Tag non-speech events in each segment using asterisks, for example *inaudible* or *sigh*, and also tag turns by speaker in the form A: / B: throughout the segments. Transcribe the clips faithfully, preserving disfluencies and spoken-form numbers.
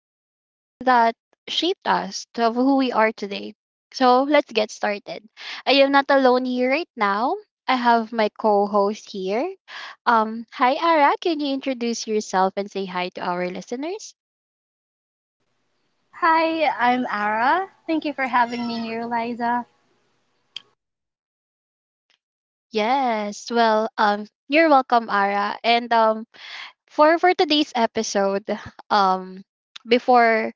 A: the ones that shaped us to who we are today. So let's get started. I am not alone here right now. I have my co-host here. Um, hi Ara, can you introduce yourself and say hi to our listeners?
B: Hi, I'm Ara. Thank you for having me here, Liza.
A: Yes. Well, um, you're welcome, Ara. And um, for for today's episode, um, before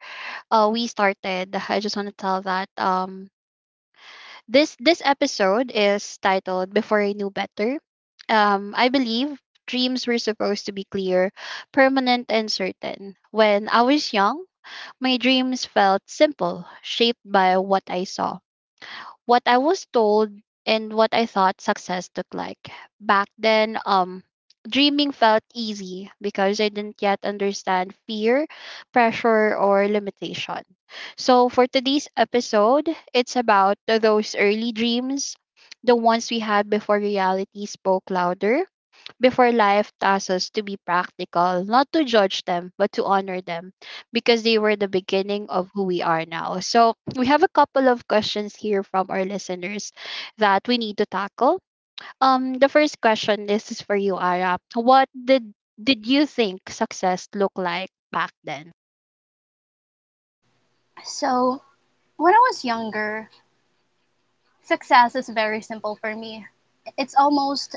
A: uh, we started, I just want to tell that um This this episode is titled Before I Knew Better. Um, I believe dreams were supposed to be clear, permanent and certain. When I was young, my dreams felt simple, shaped by what I saw, what I was told, and what I thought success looked like. Back then, um, dreaming felt easy because I didn't yet understand fear, pressure, or limitation. So, for today's episode, it's about those early dreams, the ones we had before reality spoke louder, before life tasks us to be practical, not to judge them, but to honor them, because they were the beginning of who we are now. So, we have a couple of questions here from our listeners that we need to tackle. Um, the first question, this is for you, Ara. What did did you think success looked like back then?
B: So, when I was younger, success is very simple for me. It's almost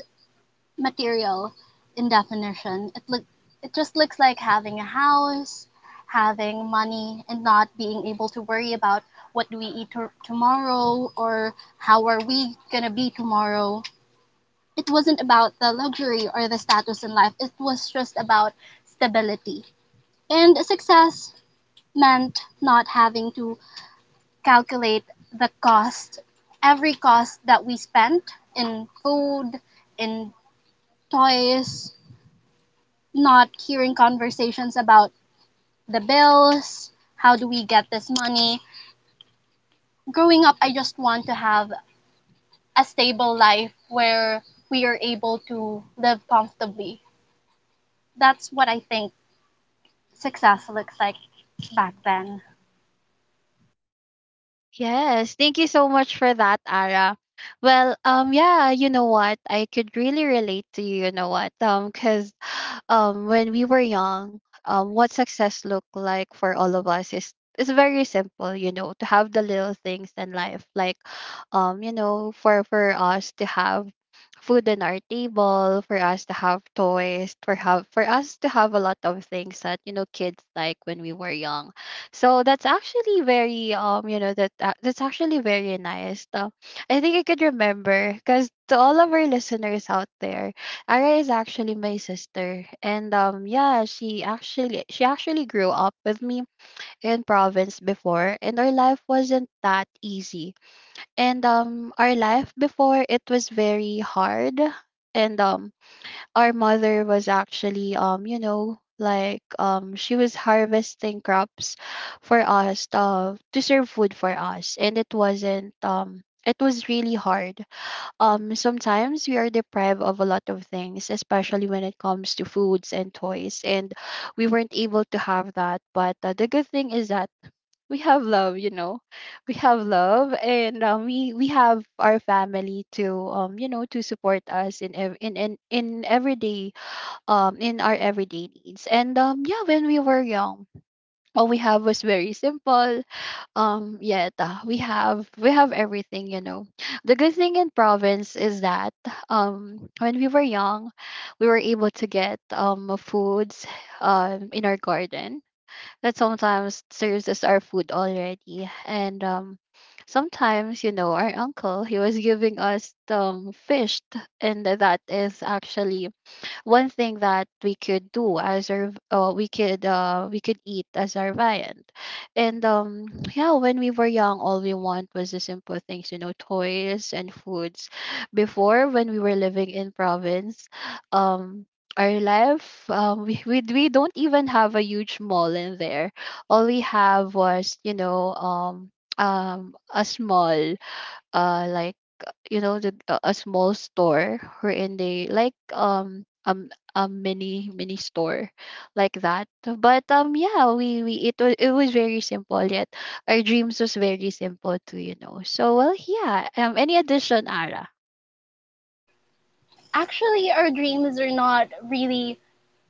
B: material in definition. It look it just looks like having a house, having money and not being able to worry about what do we eat to- tomorrow or how are we going to be tomorrow. It wasn't about the luxury or the status in life. It was just about stability. And success meant not having to calculate the cost, every cost that we spent in food, in toys, not hearing conversations about the bills, how do we get this money. Growing up, I just want to have a stable life where we are able to live comfortably. That's what I think success looks like back then.
A: Yes, thank you so much for that, Ara. Well, um, yeah, you know what? I could really relate to you, you know what? Um, because *sighs* um when we were young, um what success looked like for all of us is is very simple, you know, to have the little things in life. Like, um, you know, for for us to have food on our table, for us to have toys, for have for us to have a lot of things that, you know, kids like when we were young. So that's actually very um you know, that uh, that's actually very nice. Uh, I think I could remember because, to all of our listeners out there, Ara is actually my sister, and um yeah, she actually she actually grew up with me in province before, and our life wasn't that easy, and um our life before, it was very hard, and um our mother was actually, um you know, like um she was harvesting crops for us, uh, to serve food for us. And it wasn't um it was really hard. Um sometimes we are deprived of a lot of things, especially when it comes to foods and toys, and we weren't able to have that. But uh, the good thing is that we have love, you know. We have love. And um, we we have our family to, um you know, to support us in ev- in in, in everyday um in our everyday needs. And um yeah, when we were young, all we have was very simple. Um yet, uh, we have we have everything, you know. The good thing in province is that, um when we were young, we were able to get um foods um in our garden that sometimes serves as our food already. And um sometimes, you know, our uncle, he was giving us um fish, and that is actually one thing that we could do as our v- uh, we could uh, we could eat as our viand. And um *clears throat* yeah, when we were young, all we want was the simple things, you know, toys and foods, before, when we were living in province. um our life, um, *laughs* we, we we don't even have a huge mall in there. All we have was, you know, um um a small, uh like, uh, you know, the a a small store, wherein they, like, um um a mini mini store, like that. But um yeah, we we it was it was very simple, yet our dreams was very simple too, you know. So, well, yeah, um any addition, Ara?
B: Actually, our dreams are not really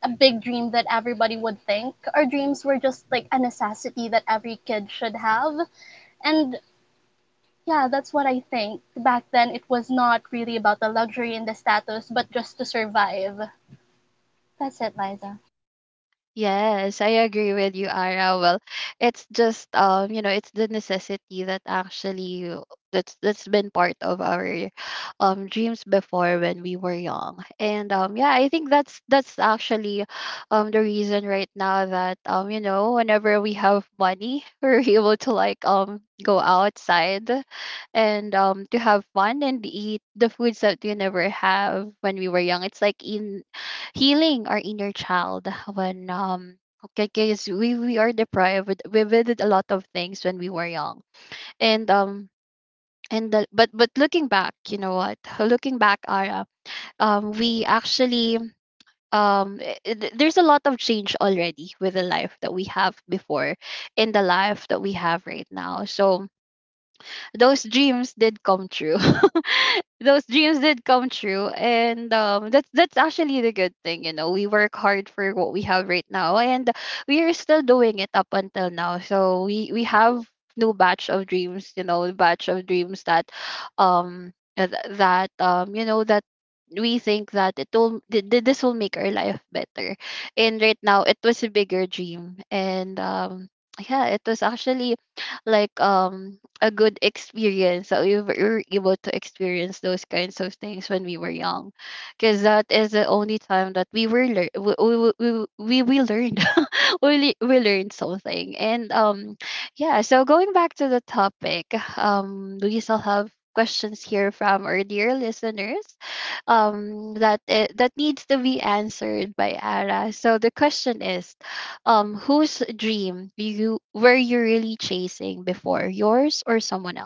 B: a big dream that everybody would think. Our dreams were just like a necessity that every kid should have. And yeah, that's what I think. Back then, it was not really about the luxury and the status, but just to survive. That's it, Liza.
A: Yes, I agree with you, Ara. Well, it's just, um, you know, it's the necessity that actually that's that's been part of our um dreams before, when we were young. And um yeah, I think that's that's actually um the reason right now that, um, you know, whenever we have money, *laughs* we're able to, like, um go outside and, um to have fun and eat the foods that we never have when we were young. It's like in healing our inner child, when, um because we we are deprived, we we did a lot of things when we were young. And um and the, but but looking back, you know what, *laughs* looking back, Ara, um we actually, um i- i- th- there's a lot of change already with the life that we have before and the life that we have right now. So those dreams did come true. *laughs* Those dreams did come true. And um that's that's actually the good thing, you know. We work hard for what we have right now, and we are still doing it up until now. So we we have new batch of dreams, you know, batch of dreams that, um uh, th- that um you know, that we think that it will th- th- this will make our life better. And right now it was a bigger dream. And um yeah, it was actually, like, um a good experience, that we were able to experience those kinds of things when we were young, because that is the only time that we were lear- we, we, we, we, we learned. *laughs* we le- we learned something. And um yeah, so going back to the topic, um we still have questions here from our dear listeners, um that it, that needs to be answered by Ara. So the question is, um, whose dream you were you really chasing before, yours or someone?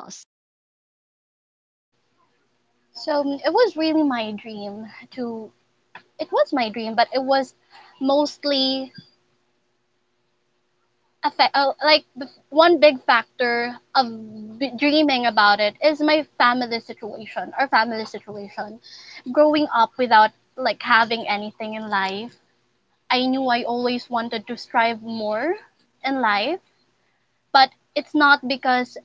B: So um, it was really my dream to. It was my dream, but it was mostly a fa- uh, like the f- one big factor of b- dreaming about it is my family situation, our family situation. Growing up without like having anything in life, I knew I always wanted to strive more in life, but it's not because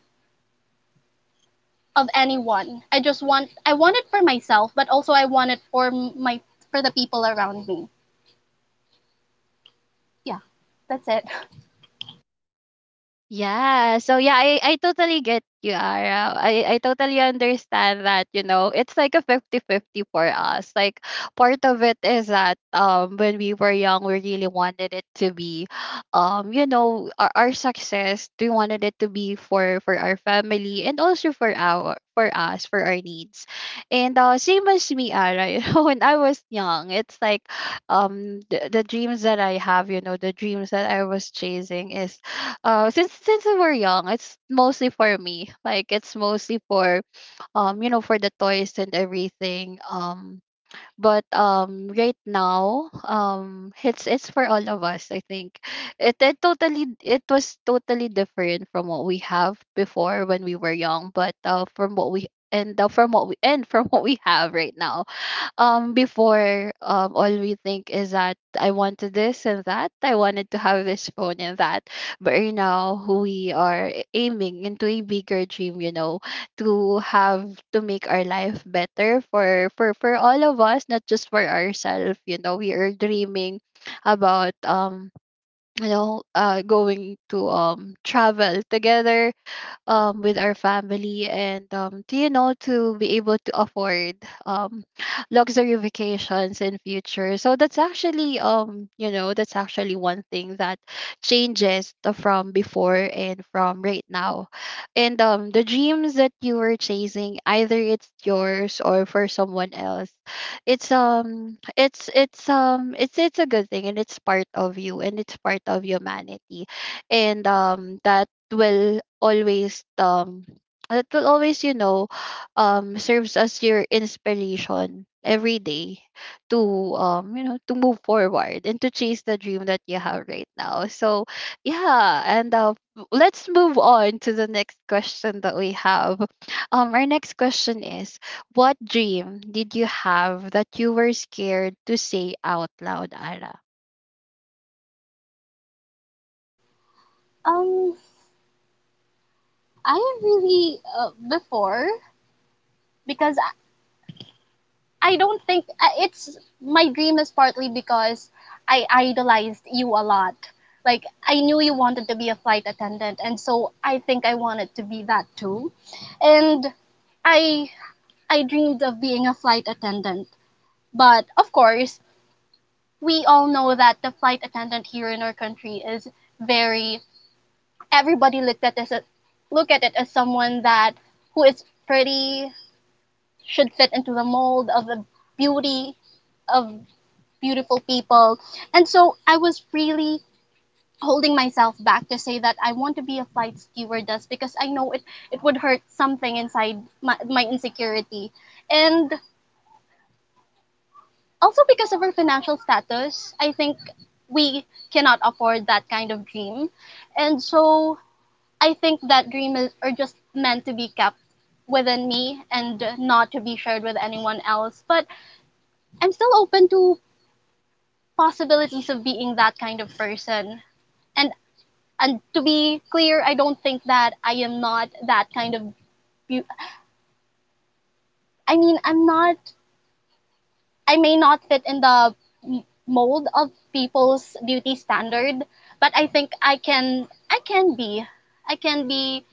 B: of anyone. I just want I want it for myself, but also I want it for my for the people around me. Yeah, that's it.
A: Yeah. So yeah, I, I totally get you, Ara. I, I totally understand that, you know, it's like a fifty fifty for us. Like, part of it is that, um when we were young, we really wanted it to be, um, you know, our, our success. We wanted it to be for for our family, and also for our for us, for our needs. And uh same as me, Ara, *laughs* you know, when I was young, it's like, um the, the dreams that I have, you know, the dreams that I was chasing is, uh since since we were young, it's mostly for me, like, it's mostly for, um you know, for the toys and everything, um but um right now, um it's it's for all of us, I think. It, it totally it was totally different from what we have before when we were young, but uh from what we and uh, from what we and from *laughs* what we have right now. Um before, um all we think is that I wanted this and that, I wanted to have this phone and that. But right now we are aiming into a bigger dream, you know, to have to make our life better for for for all of us, not just for ourselves. You know, we are dreaming about, um you know, uh going to, um travel together, um with our family, and um to, you know, to be able to afford, um *sniffs* *sighs* luxury vacations in future. So that's actually, um you know, that's actually one thing that changes, the- from before and from right now. And um the dreams that you were chasing, either it's yours or for someone else, it's um it's it's um it's it's a good thing, and it's part of you, and it's part of humanity, and um that will always um that will always, you know, um serves as your inspiration every day, to, um you know, to move forward and to chase the dream that you have right now. So yeah, and uh, w- let's move on to the next question that we have. Um our next question is, what dream did you have that you were scared to say out loud, Ara?
B: Um, I really uh, before, because I don't think uh, it's my dream is partly because I idolized you a lot. Like I knew you wanted to be a flight attendant, and so I think I wanted to be that too. And I I dreamed of being a flight attendant, but of course we all know that the flight attendant here in our country is very, everybody looked at this look at it as someone that who is pretty, should fit into the mold of the beauty of beautiful people. And so I was really holding myself back to say that I want to be a flight stewardess because I know it, it would hurt something inside my, my insecurity. And also because of our financial status, I think we cannot afford that kind of dream. And so I think that dream is, are just meant to be kept within me and not to be shared with anyone else. But I'm still open to possibilities of being that kind of person. And and to be clear, I don't think that I am not that kind of. beau- I mean, I'm not. I may not fit in the m- mold of people's beauty standard, but I think I can. I can be. I can be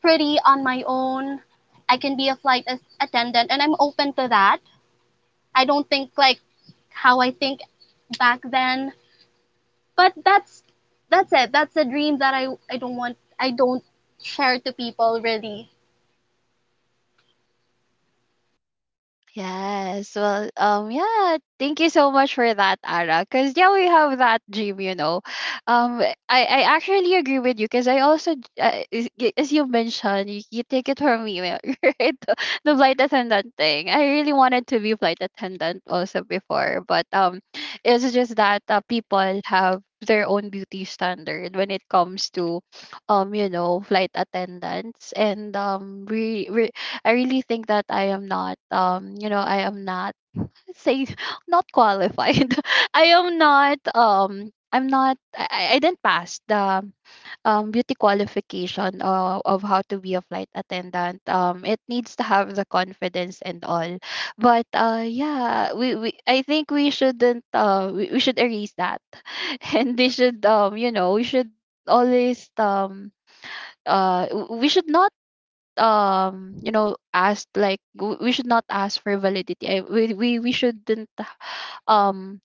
B: pretty on my own. I can be a flight as- attendant, and I'm open to that. I don't think like how I think back then, but that's that's it. That's a dream that I I don't want. I don't share to people really.
A: Yes. Well, um, yeah, thank you so much for that, Ara. Cause yeah, we have that dream, you know. Um, I, I actually agree with you, because I also, j- uh, is- y- as you mentioned, you, you take it from me, uh, *laughs* right? The, the flight attendant thing. I really wanted to be flight attendant also before, but um, it's just that uh, people have their own beauty standard when it comes to, um, you know, flight attendants. And um, we, I really think that I am not, um you know, I am not, say *laughs* not qualified. *laughs* I am not um I'm not I, I I didn't pass the um beauty qualification, uh, of how to be a flight attendant. Um it needs to have the confidence and all. But uh yeah, we, we I think we shouldn't, uh we, we should erase that. *laughs* And they should, um you know, we should always, um uh w- we should not, um you know ask, like, w- we should not ask for validity. I, we, we we shouldn't um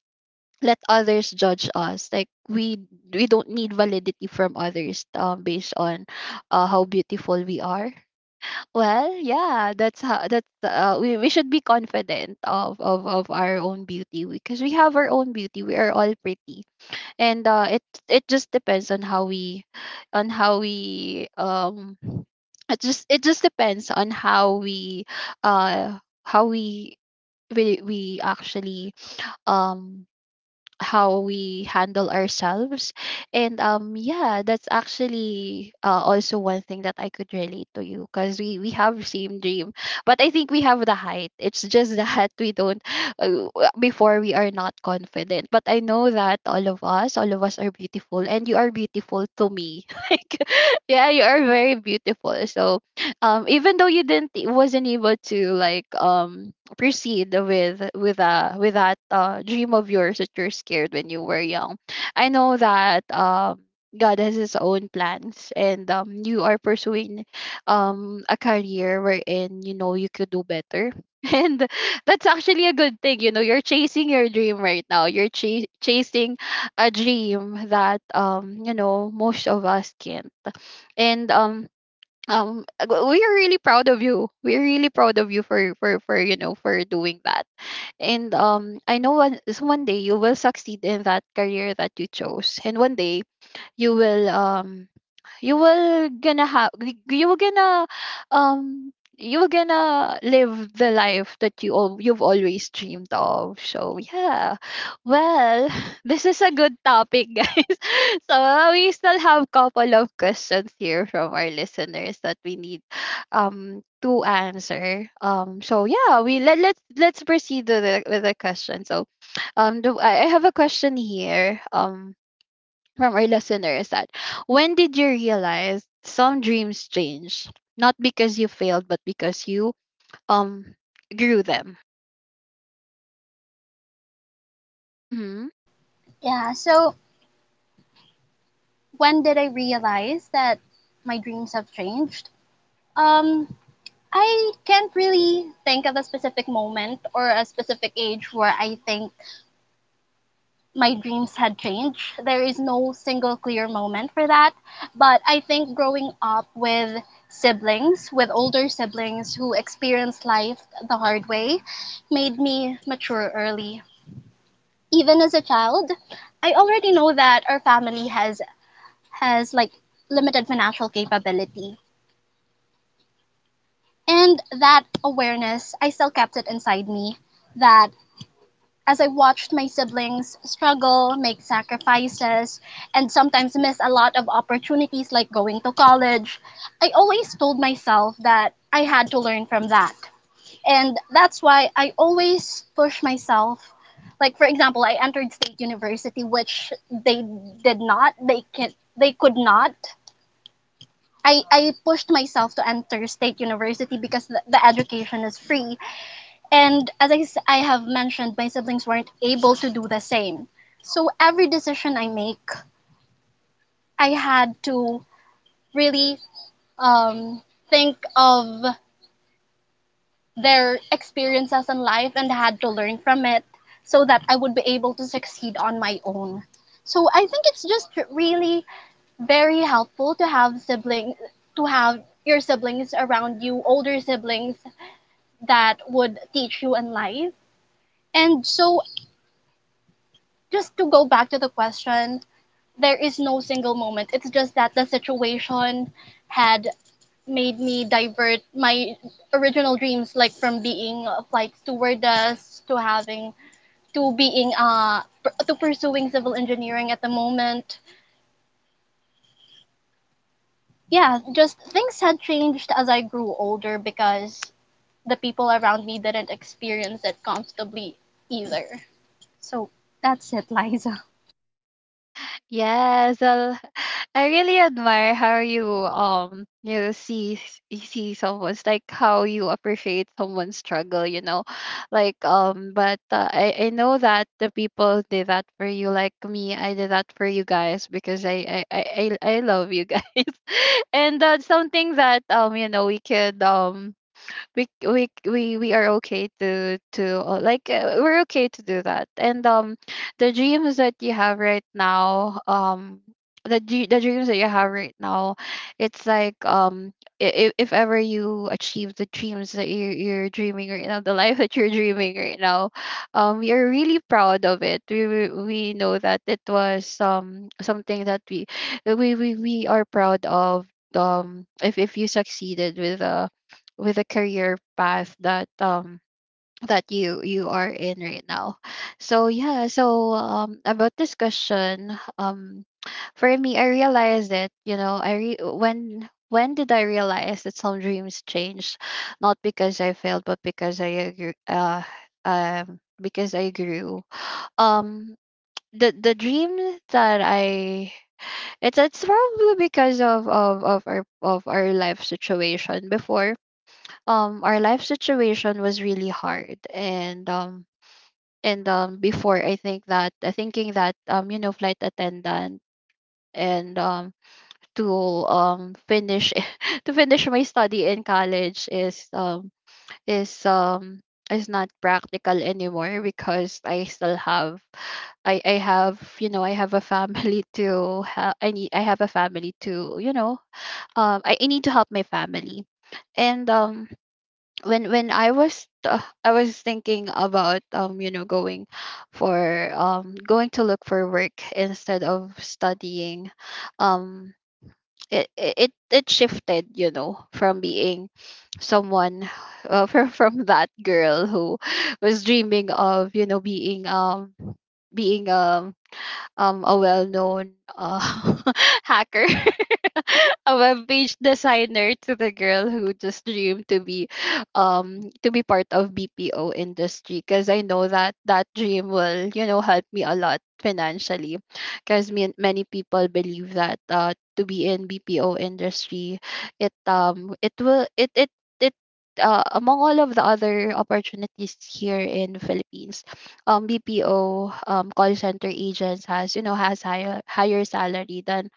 A: let others judge us, like we we don't need validity from others, um based on uh, how beautiful we are. Well, yeah, that's how that's uh, we, we should be confident of, of of our own beauty, because we have our own beauty. We are all pretty, and uh, it it just depends on how we on how we um *sniffs* it just it just depends on how we uh how we we we actually um how we handle ourselves. And um Yeah, that's actually, uh, also one thing that I could relate to you, because we we have same dream. But I think we have the height. It's just *laughs* that we don't, uh, before, we are not confident, but I know that all of us all of us are beautiful, and you are beautiful to me. *laughs* Like, yeah, you are very beautiful, so, um even though you didn't wasn't able to, like, um proceed with with uh with that, uh dream of yours, that you're scared when you were young. I know that, um God has his own plans, and um you are pursuing um a career wherein, you know, you could do better. *laughs* And that's actually a good thing. You know, you're chasing your dream right now. You're ch- chasing a dream that, um you know, most of us can't. And um um uh, w- we are really proud of you. We're really proud of you for for for you know for doing that. And um I know one is one day you will succeed in that career that you chose, and one day you will, um you will gonna have you will gonna um you will gonna live the life that you all you've always dreamed of. So yeah. Well, *laughs* this is a good topic, guys. *laughs* So, uh, we still have couple of questions here from our listeners that we need um to answer. Um, so yeah, we let let's let's proceed with the with the question. So, um, do, I I have a question here. Um, from our listeners, that when did you realize some dreams change? Not because you failed, but because you, um grew them. Mm-hmm.
B: Yeah, so when did I realize that my dreams have changed? Um, I can't really think of a specific moment or a specific age where I think my dreams had changed. There is no single clear moment for that. But I think growing up with siblings, with older siblings who experienced life the hard way, made me mature early. Even as a child, I already know that our family has has like limited financial capability. And that awareness, I still kept it inside me that as I watched my siblings struggle, make sacrifices, and sometimes miss a lot of opportunities like going to college, I always told myself that I had to learn from that. And that's why I always push myself. Like for example, I entered state university which they did not, they can they could not, I, I pushed myself to enter state university because the, the education is free and as I, s- I have mentioned, my siblings weren't able to do the same. So every decision I make, I had to really um, think of their experiences in life and had to learn from it so that I would be able to succeed on my own. So I think it's just really very helpful to have siblings, to have your siblings around you, older siblings that would teach you in life. And so just to go back to the question, there is no single moment. It's just that the situation had made me divert my original dreams, like from being a flight stewardess to having to being uh to pursuing civil engineering at the moment. Yeah, just things had changed as I grew older because the people around me didn't experience it comfortably either. So that's it, Liza.
A: Yes, well, *laughs* I really admire how you um you see you see someone's, like, how you appreciate someone's struggle, you know, like, um. But, uh, I I know that the people did that for you, like me. I did that for you guys because I I I I I love you guys, *laughs* and that's something that, um you know, we could, um we we we we are okay to, to uh, like uh, we're okay to do that. And, um, the dreams that you have right now, um, the dr- the dreams that you have right now, it's like, um. If, if ever you achieve the dreams that you, you're dreaming right now, the life that you're dreaming right now, um, we are really proud of it. We we we know that it was, um something that we we we, we are proud of. Um, if if you succeeded with, uh with the career path that, um that you you are in right now. So yeah, so um about this question, um for me, I realized that, you know, i re- when when did I realize that some dreams change, not because I failed, but because I agree, uh um because I grew, um the the dream that I— it's it's probably because of of of our of our life situation before. Um our life situation was really hard, and, um and um before, I think that, uh, thinking that, um you know, flight attendant, and um to— um finish, *laughs* to finish my study in college is, um is um is not practical anymore, because i still have i i have you know I have a family *laughs* to— ha- i need I have a family to, you know, um i I need to help my family. And um when when I was, uh, I was thinking about, um you know, going for um going to look for work instead of studying. um it it, it it shifted, you know, from being someone, uh, *laughs* from from that girl who was dreaming of, you know, being um being um um a well-known, uh *laughs* hacker, *laughs* *laughs* a web page designer, to the girl who just dreamed to be um to be part of B P O industry, because I know that that dream will, you know, help me a lot financially, because many people believe that, uh to be in B P O industry, it um it will it it it uh, among all of the other opportunities here in Philippines. um, B P O, um, call center agents has you know has higher higher salary than,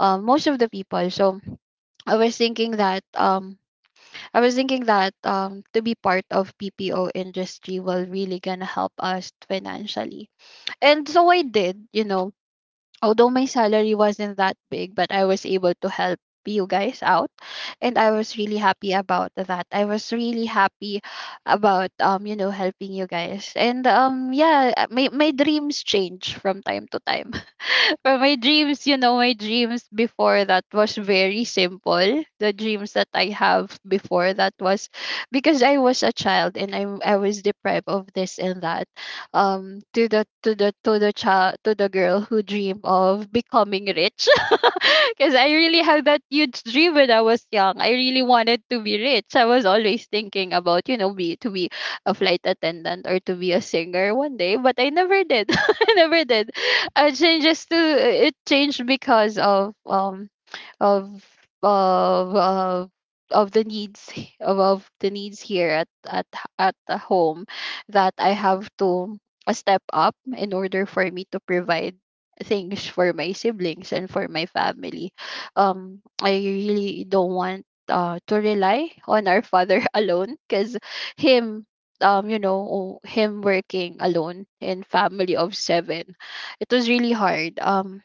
A: um, most of the people. So I was thinking that um, I was thinking that, um, to be part of P P O industry will really gonna help us financially. And so I did, you know, although my salary wasn't that big, but I was able to help you guys out, and I was really happy about that. I was really happy about, um you know, helping you guys. And um yeah, uh, my my dreams change from time to time. *laughs* But my dreams, you know, my dreams before that was very simple. The dreams that I have before that was, because I was a child, and I I was deprived of this and that. Um to the to the to the child to the girl who dream of becoming rich, *laughs* because I really had that huge dream when I was young. I really wanted to be rich. I was always thinking about, you know, be to be a flight attendant, or to be a singer one day, but I never did. *laughs* I never did. I changed just to It changed because of, um of of of of the needs, *laughs* of, of the needs, here at at h- at the home, that I have to a step up in order for me to provide things for my siblings and for my family. Um, I really don't want, uh, to rely on our father *laughs* alone, because him, um, you know, him working alone in family of seven, it was really hard. Um,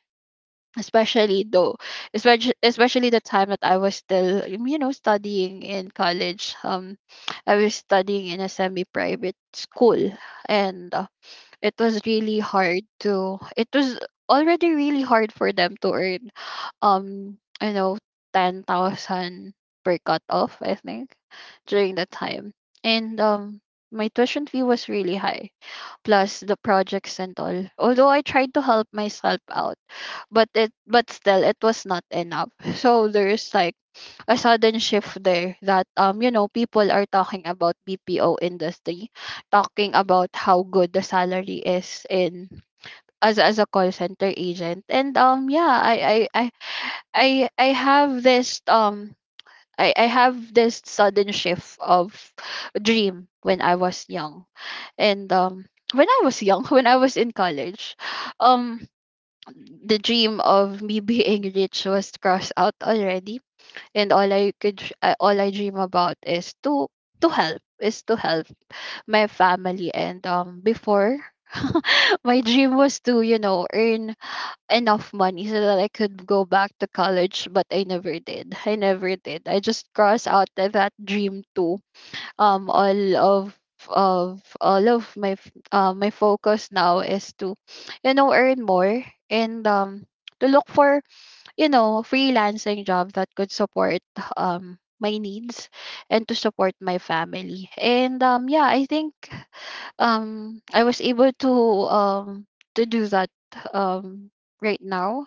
A: especially though especially especially the time that I was still, you know, studying in college. um I was studying in a semi private school, and it was really hard to it was already really hard for them to earn, um you know, ten thousand per cutoff, I think, during that time. And um my tuition fee was really high, plus the projects and all. Although I tried to help myself out, but it but still it was not enough. *laughs* So there's like a sudden shift there, that, um you know, people are talking about B P O industry, talking about how good the salary is, in as as a call center agent. And um yeah, I I I I, I have this, um I, I have this sudden shift of dream when I was young. And um when I was young, *laughs* when I was in college, um the dream of me *laughs* being rich was crossed out already, and all I could sh- uh, all I dream about is to to help is to help my family, and um before, *laughs* my dream was to, you know, earn enough money, so that I could go back to college, but I never did. I never did. I just crossed out tha- that dream too. um all of of all of my f- uh, my focus now is to, you know, earn more, and um to look for, you know, freelancing job that could support, um my needs, and to support my family. And um yeah, I think, um I was able to, um to do that, um right now.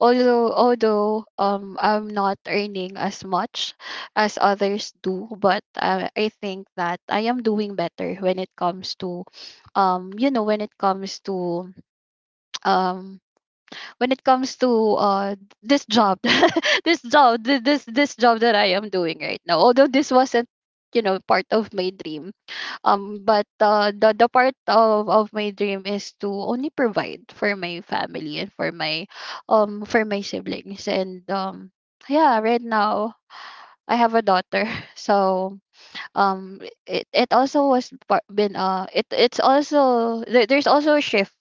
A: Although although, um I'm not earning as much as others do, but, uh, I think that I am doing better when it comes to, um you know, when it comes to um when it comes to uh th- this job. *laughs* This job th- this this job that I am doing right now, although this wasn't, you know, part of my dream. Um but, uh the, the part of, of my dream is to only provide for my family, and for my um for my siblings. And um yeah, right now, I have a daughter, *laughs* so, um it, it also was par- been uh it it's also there, there's also a shift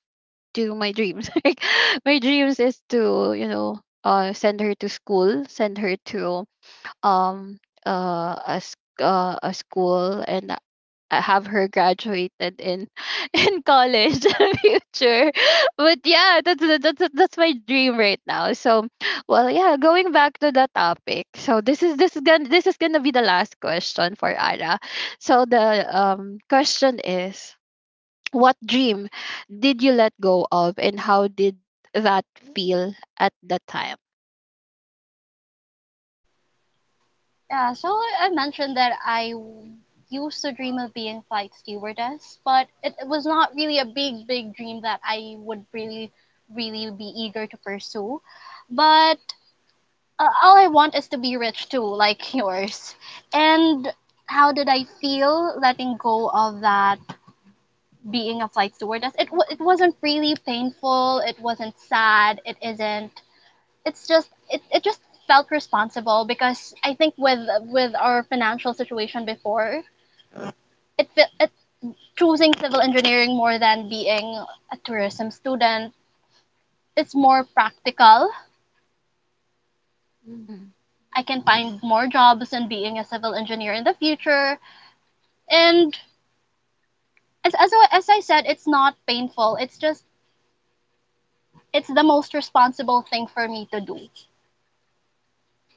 A: to my dreams. *laughs* Like my dreams is to, you know, uh send her to school, send her to um uh a s- uh, a school and uh, have her graduated in *laughs* in college *laughs* in the future. But yeah, that's that's that's that's my dream right now. So, well, yeah, going back to the topic. So this is this is gonna this is gonna be the last question for Ara. So the um question is what dream did you let go of and how did that feel at the time?
B: Yeah, so I I mentioned that I w- used to dream of being flight stewardess, but it, it was not really a big, big dream that I would really, really be eager to pursue. But uh, all I want is to be rich too, like *laughs* yours. And how did I feel letting go of that being a flight stewardess? It, w- it wasn't really painful, it wasn't sad, it isn't, it's just it, it just felt responsible because I think with with our financial situation before it, it, choosing civil engineering more than being a tourism student, it's more practical.
A: Hmm.
B: I can find more jobs in being a civil engineer in the future, and as as, as I said, it's not painful, it's just it's the most responsible thing for me to do,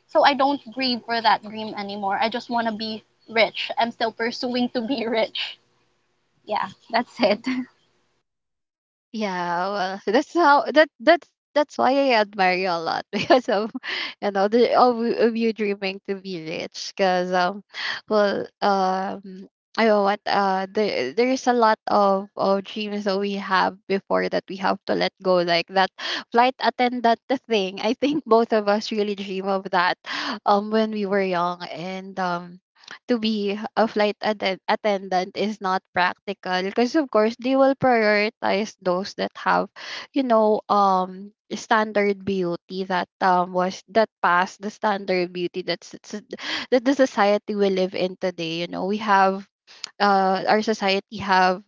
B: so I don't grieve for that dream anymore. I just want to be rich. I'm still pursuing to be *laughs* rich. Yeah, that's it.
A: Yeah, well, *laughs* so that's how that that's that's why I admire you a lot *laughs* because of you know the of, of you dreaming to be rich because um well um I know what uh there there's a lot of of dreams that we have before that we have to let go like that flight attendant thing. I think *laughs* both of us really dream of that um when we were young. And um to be a flight atten- attendant is not practical because of course they will prioritize those that have you know um standard beauty, that um was that passed the standard beauty that's that's- that the society we live in today. You know we have uh our society have,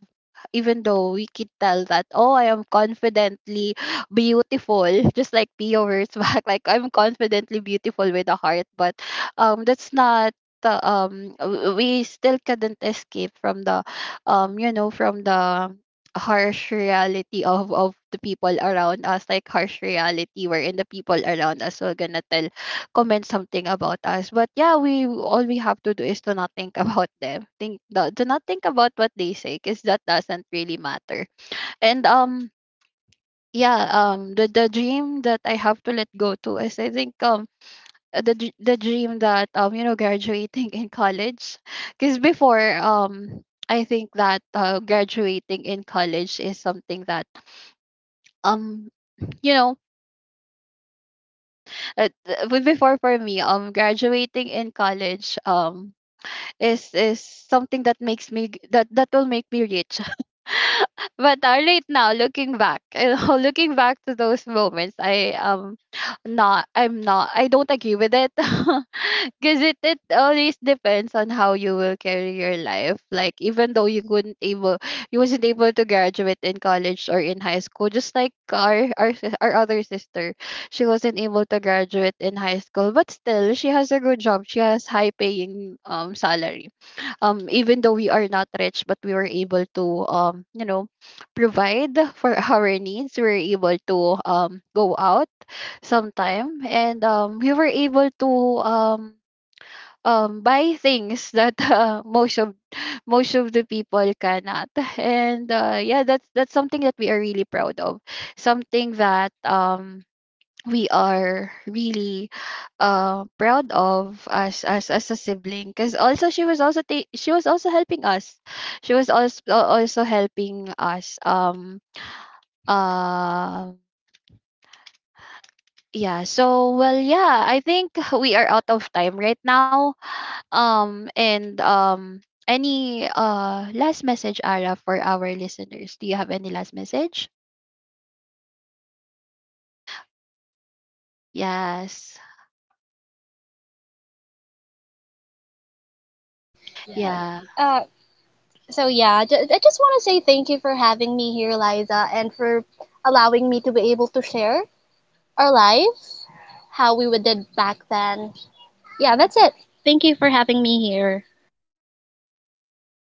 A: even though we could tell that, oh, I am confidently beautiful *laughs* just like Pio words *laughs* back, like I'm confidently beautiful with a heart. But um that's not the um w- we still couldn't escape from the um you know from the harsh reality of of the people around us, like harsh reality wherein the people around us will gonna tell, comment something about us. But yeah, we all we have to do is to not think *laughs* about them. Think, do do not think about what they say because that doesn't really matter. And um yeah, um the the dream that I have to let go to is, I think, um uh, the dr- the dream that, um you know graduating in college. Because before, um I think that, uh, graduating in college is something that um you know uh, th- before for me, um graduating in college um is is something that makes me g- that that will make me rich. *laughs* But uh, right now, looking back, you know, *laughs* looking back to those moments, I um not I'm not I don't agree with it. *laughs* Because it it always depends on how you will carry your life. Like, even though you couldn't able you wasn't able to graduate in college or in high school, just like our our, sis- our other sister, she wasn't able to graduate in high school, but still she has a good job, she has high paying um salary. Um even though we are not rich, but we were able to um you know provide for *laughs* our needs, we were able to um go out sometime, and um we were able to um um buy things that *laughs* uh, most of most of the people cannot. And uh, yeah, that's that's something that we are really proud of, something that um we are really uh, proud of as as as a sibling. Because also she was also ta- she was also helping us, she was also also helping us. um uh yeah. So, well, yeah, I think *laughs* we are out of time right now. Um and um Any uh last message, Ara, for our listeners? Do you have any last message? Yes? Yeah?
B: Uh, so yeah, ju- I just want to say thank you for having me here, Liza, and for allowing me to be able to share our life, how we would did back then. Yeah, that's it. Thank you for having me here.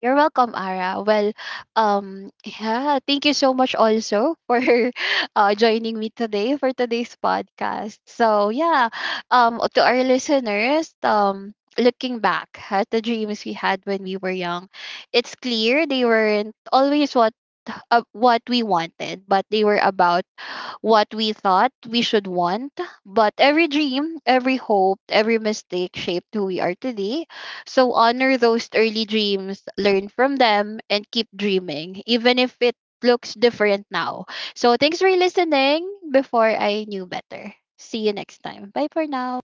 A: You're welcome, Ara. Well, um, yeah, thank you so much also for *laughs* uh, joining me today for today's podcast. So yeah, um, to our listeners, um, looking back at the dreams we had when we were young, it's clear they weren't always what uh, what we wanted, but they were about what we thought we should want. But every dream, every hope, every mistake shaped who we are today. So honor those early dreams, learn from them, and keep dreaming, even if it looks different now. So thanks for listening before I knew better. See you next time. Bye for now.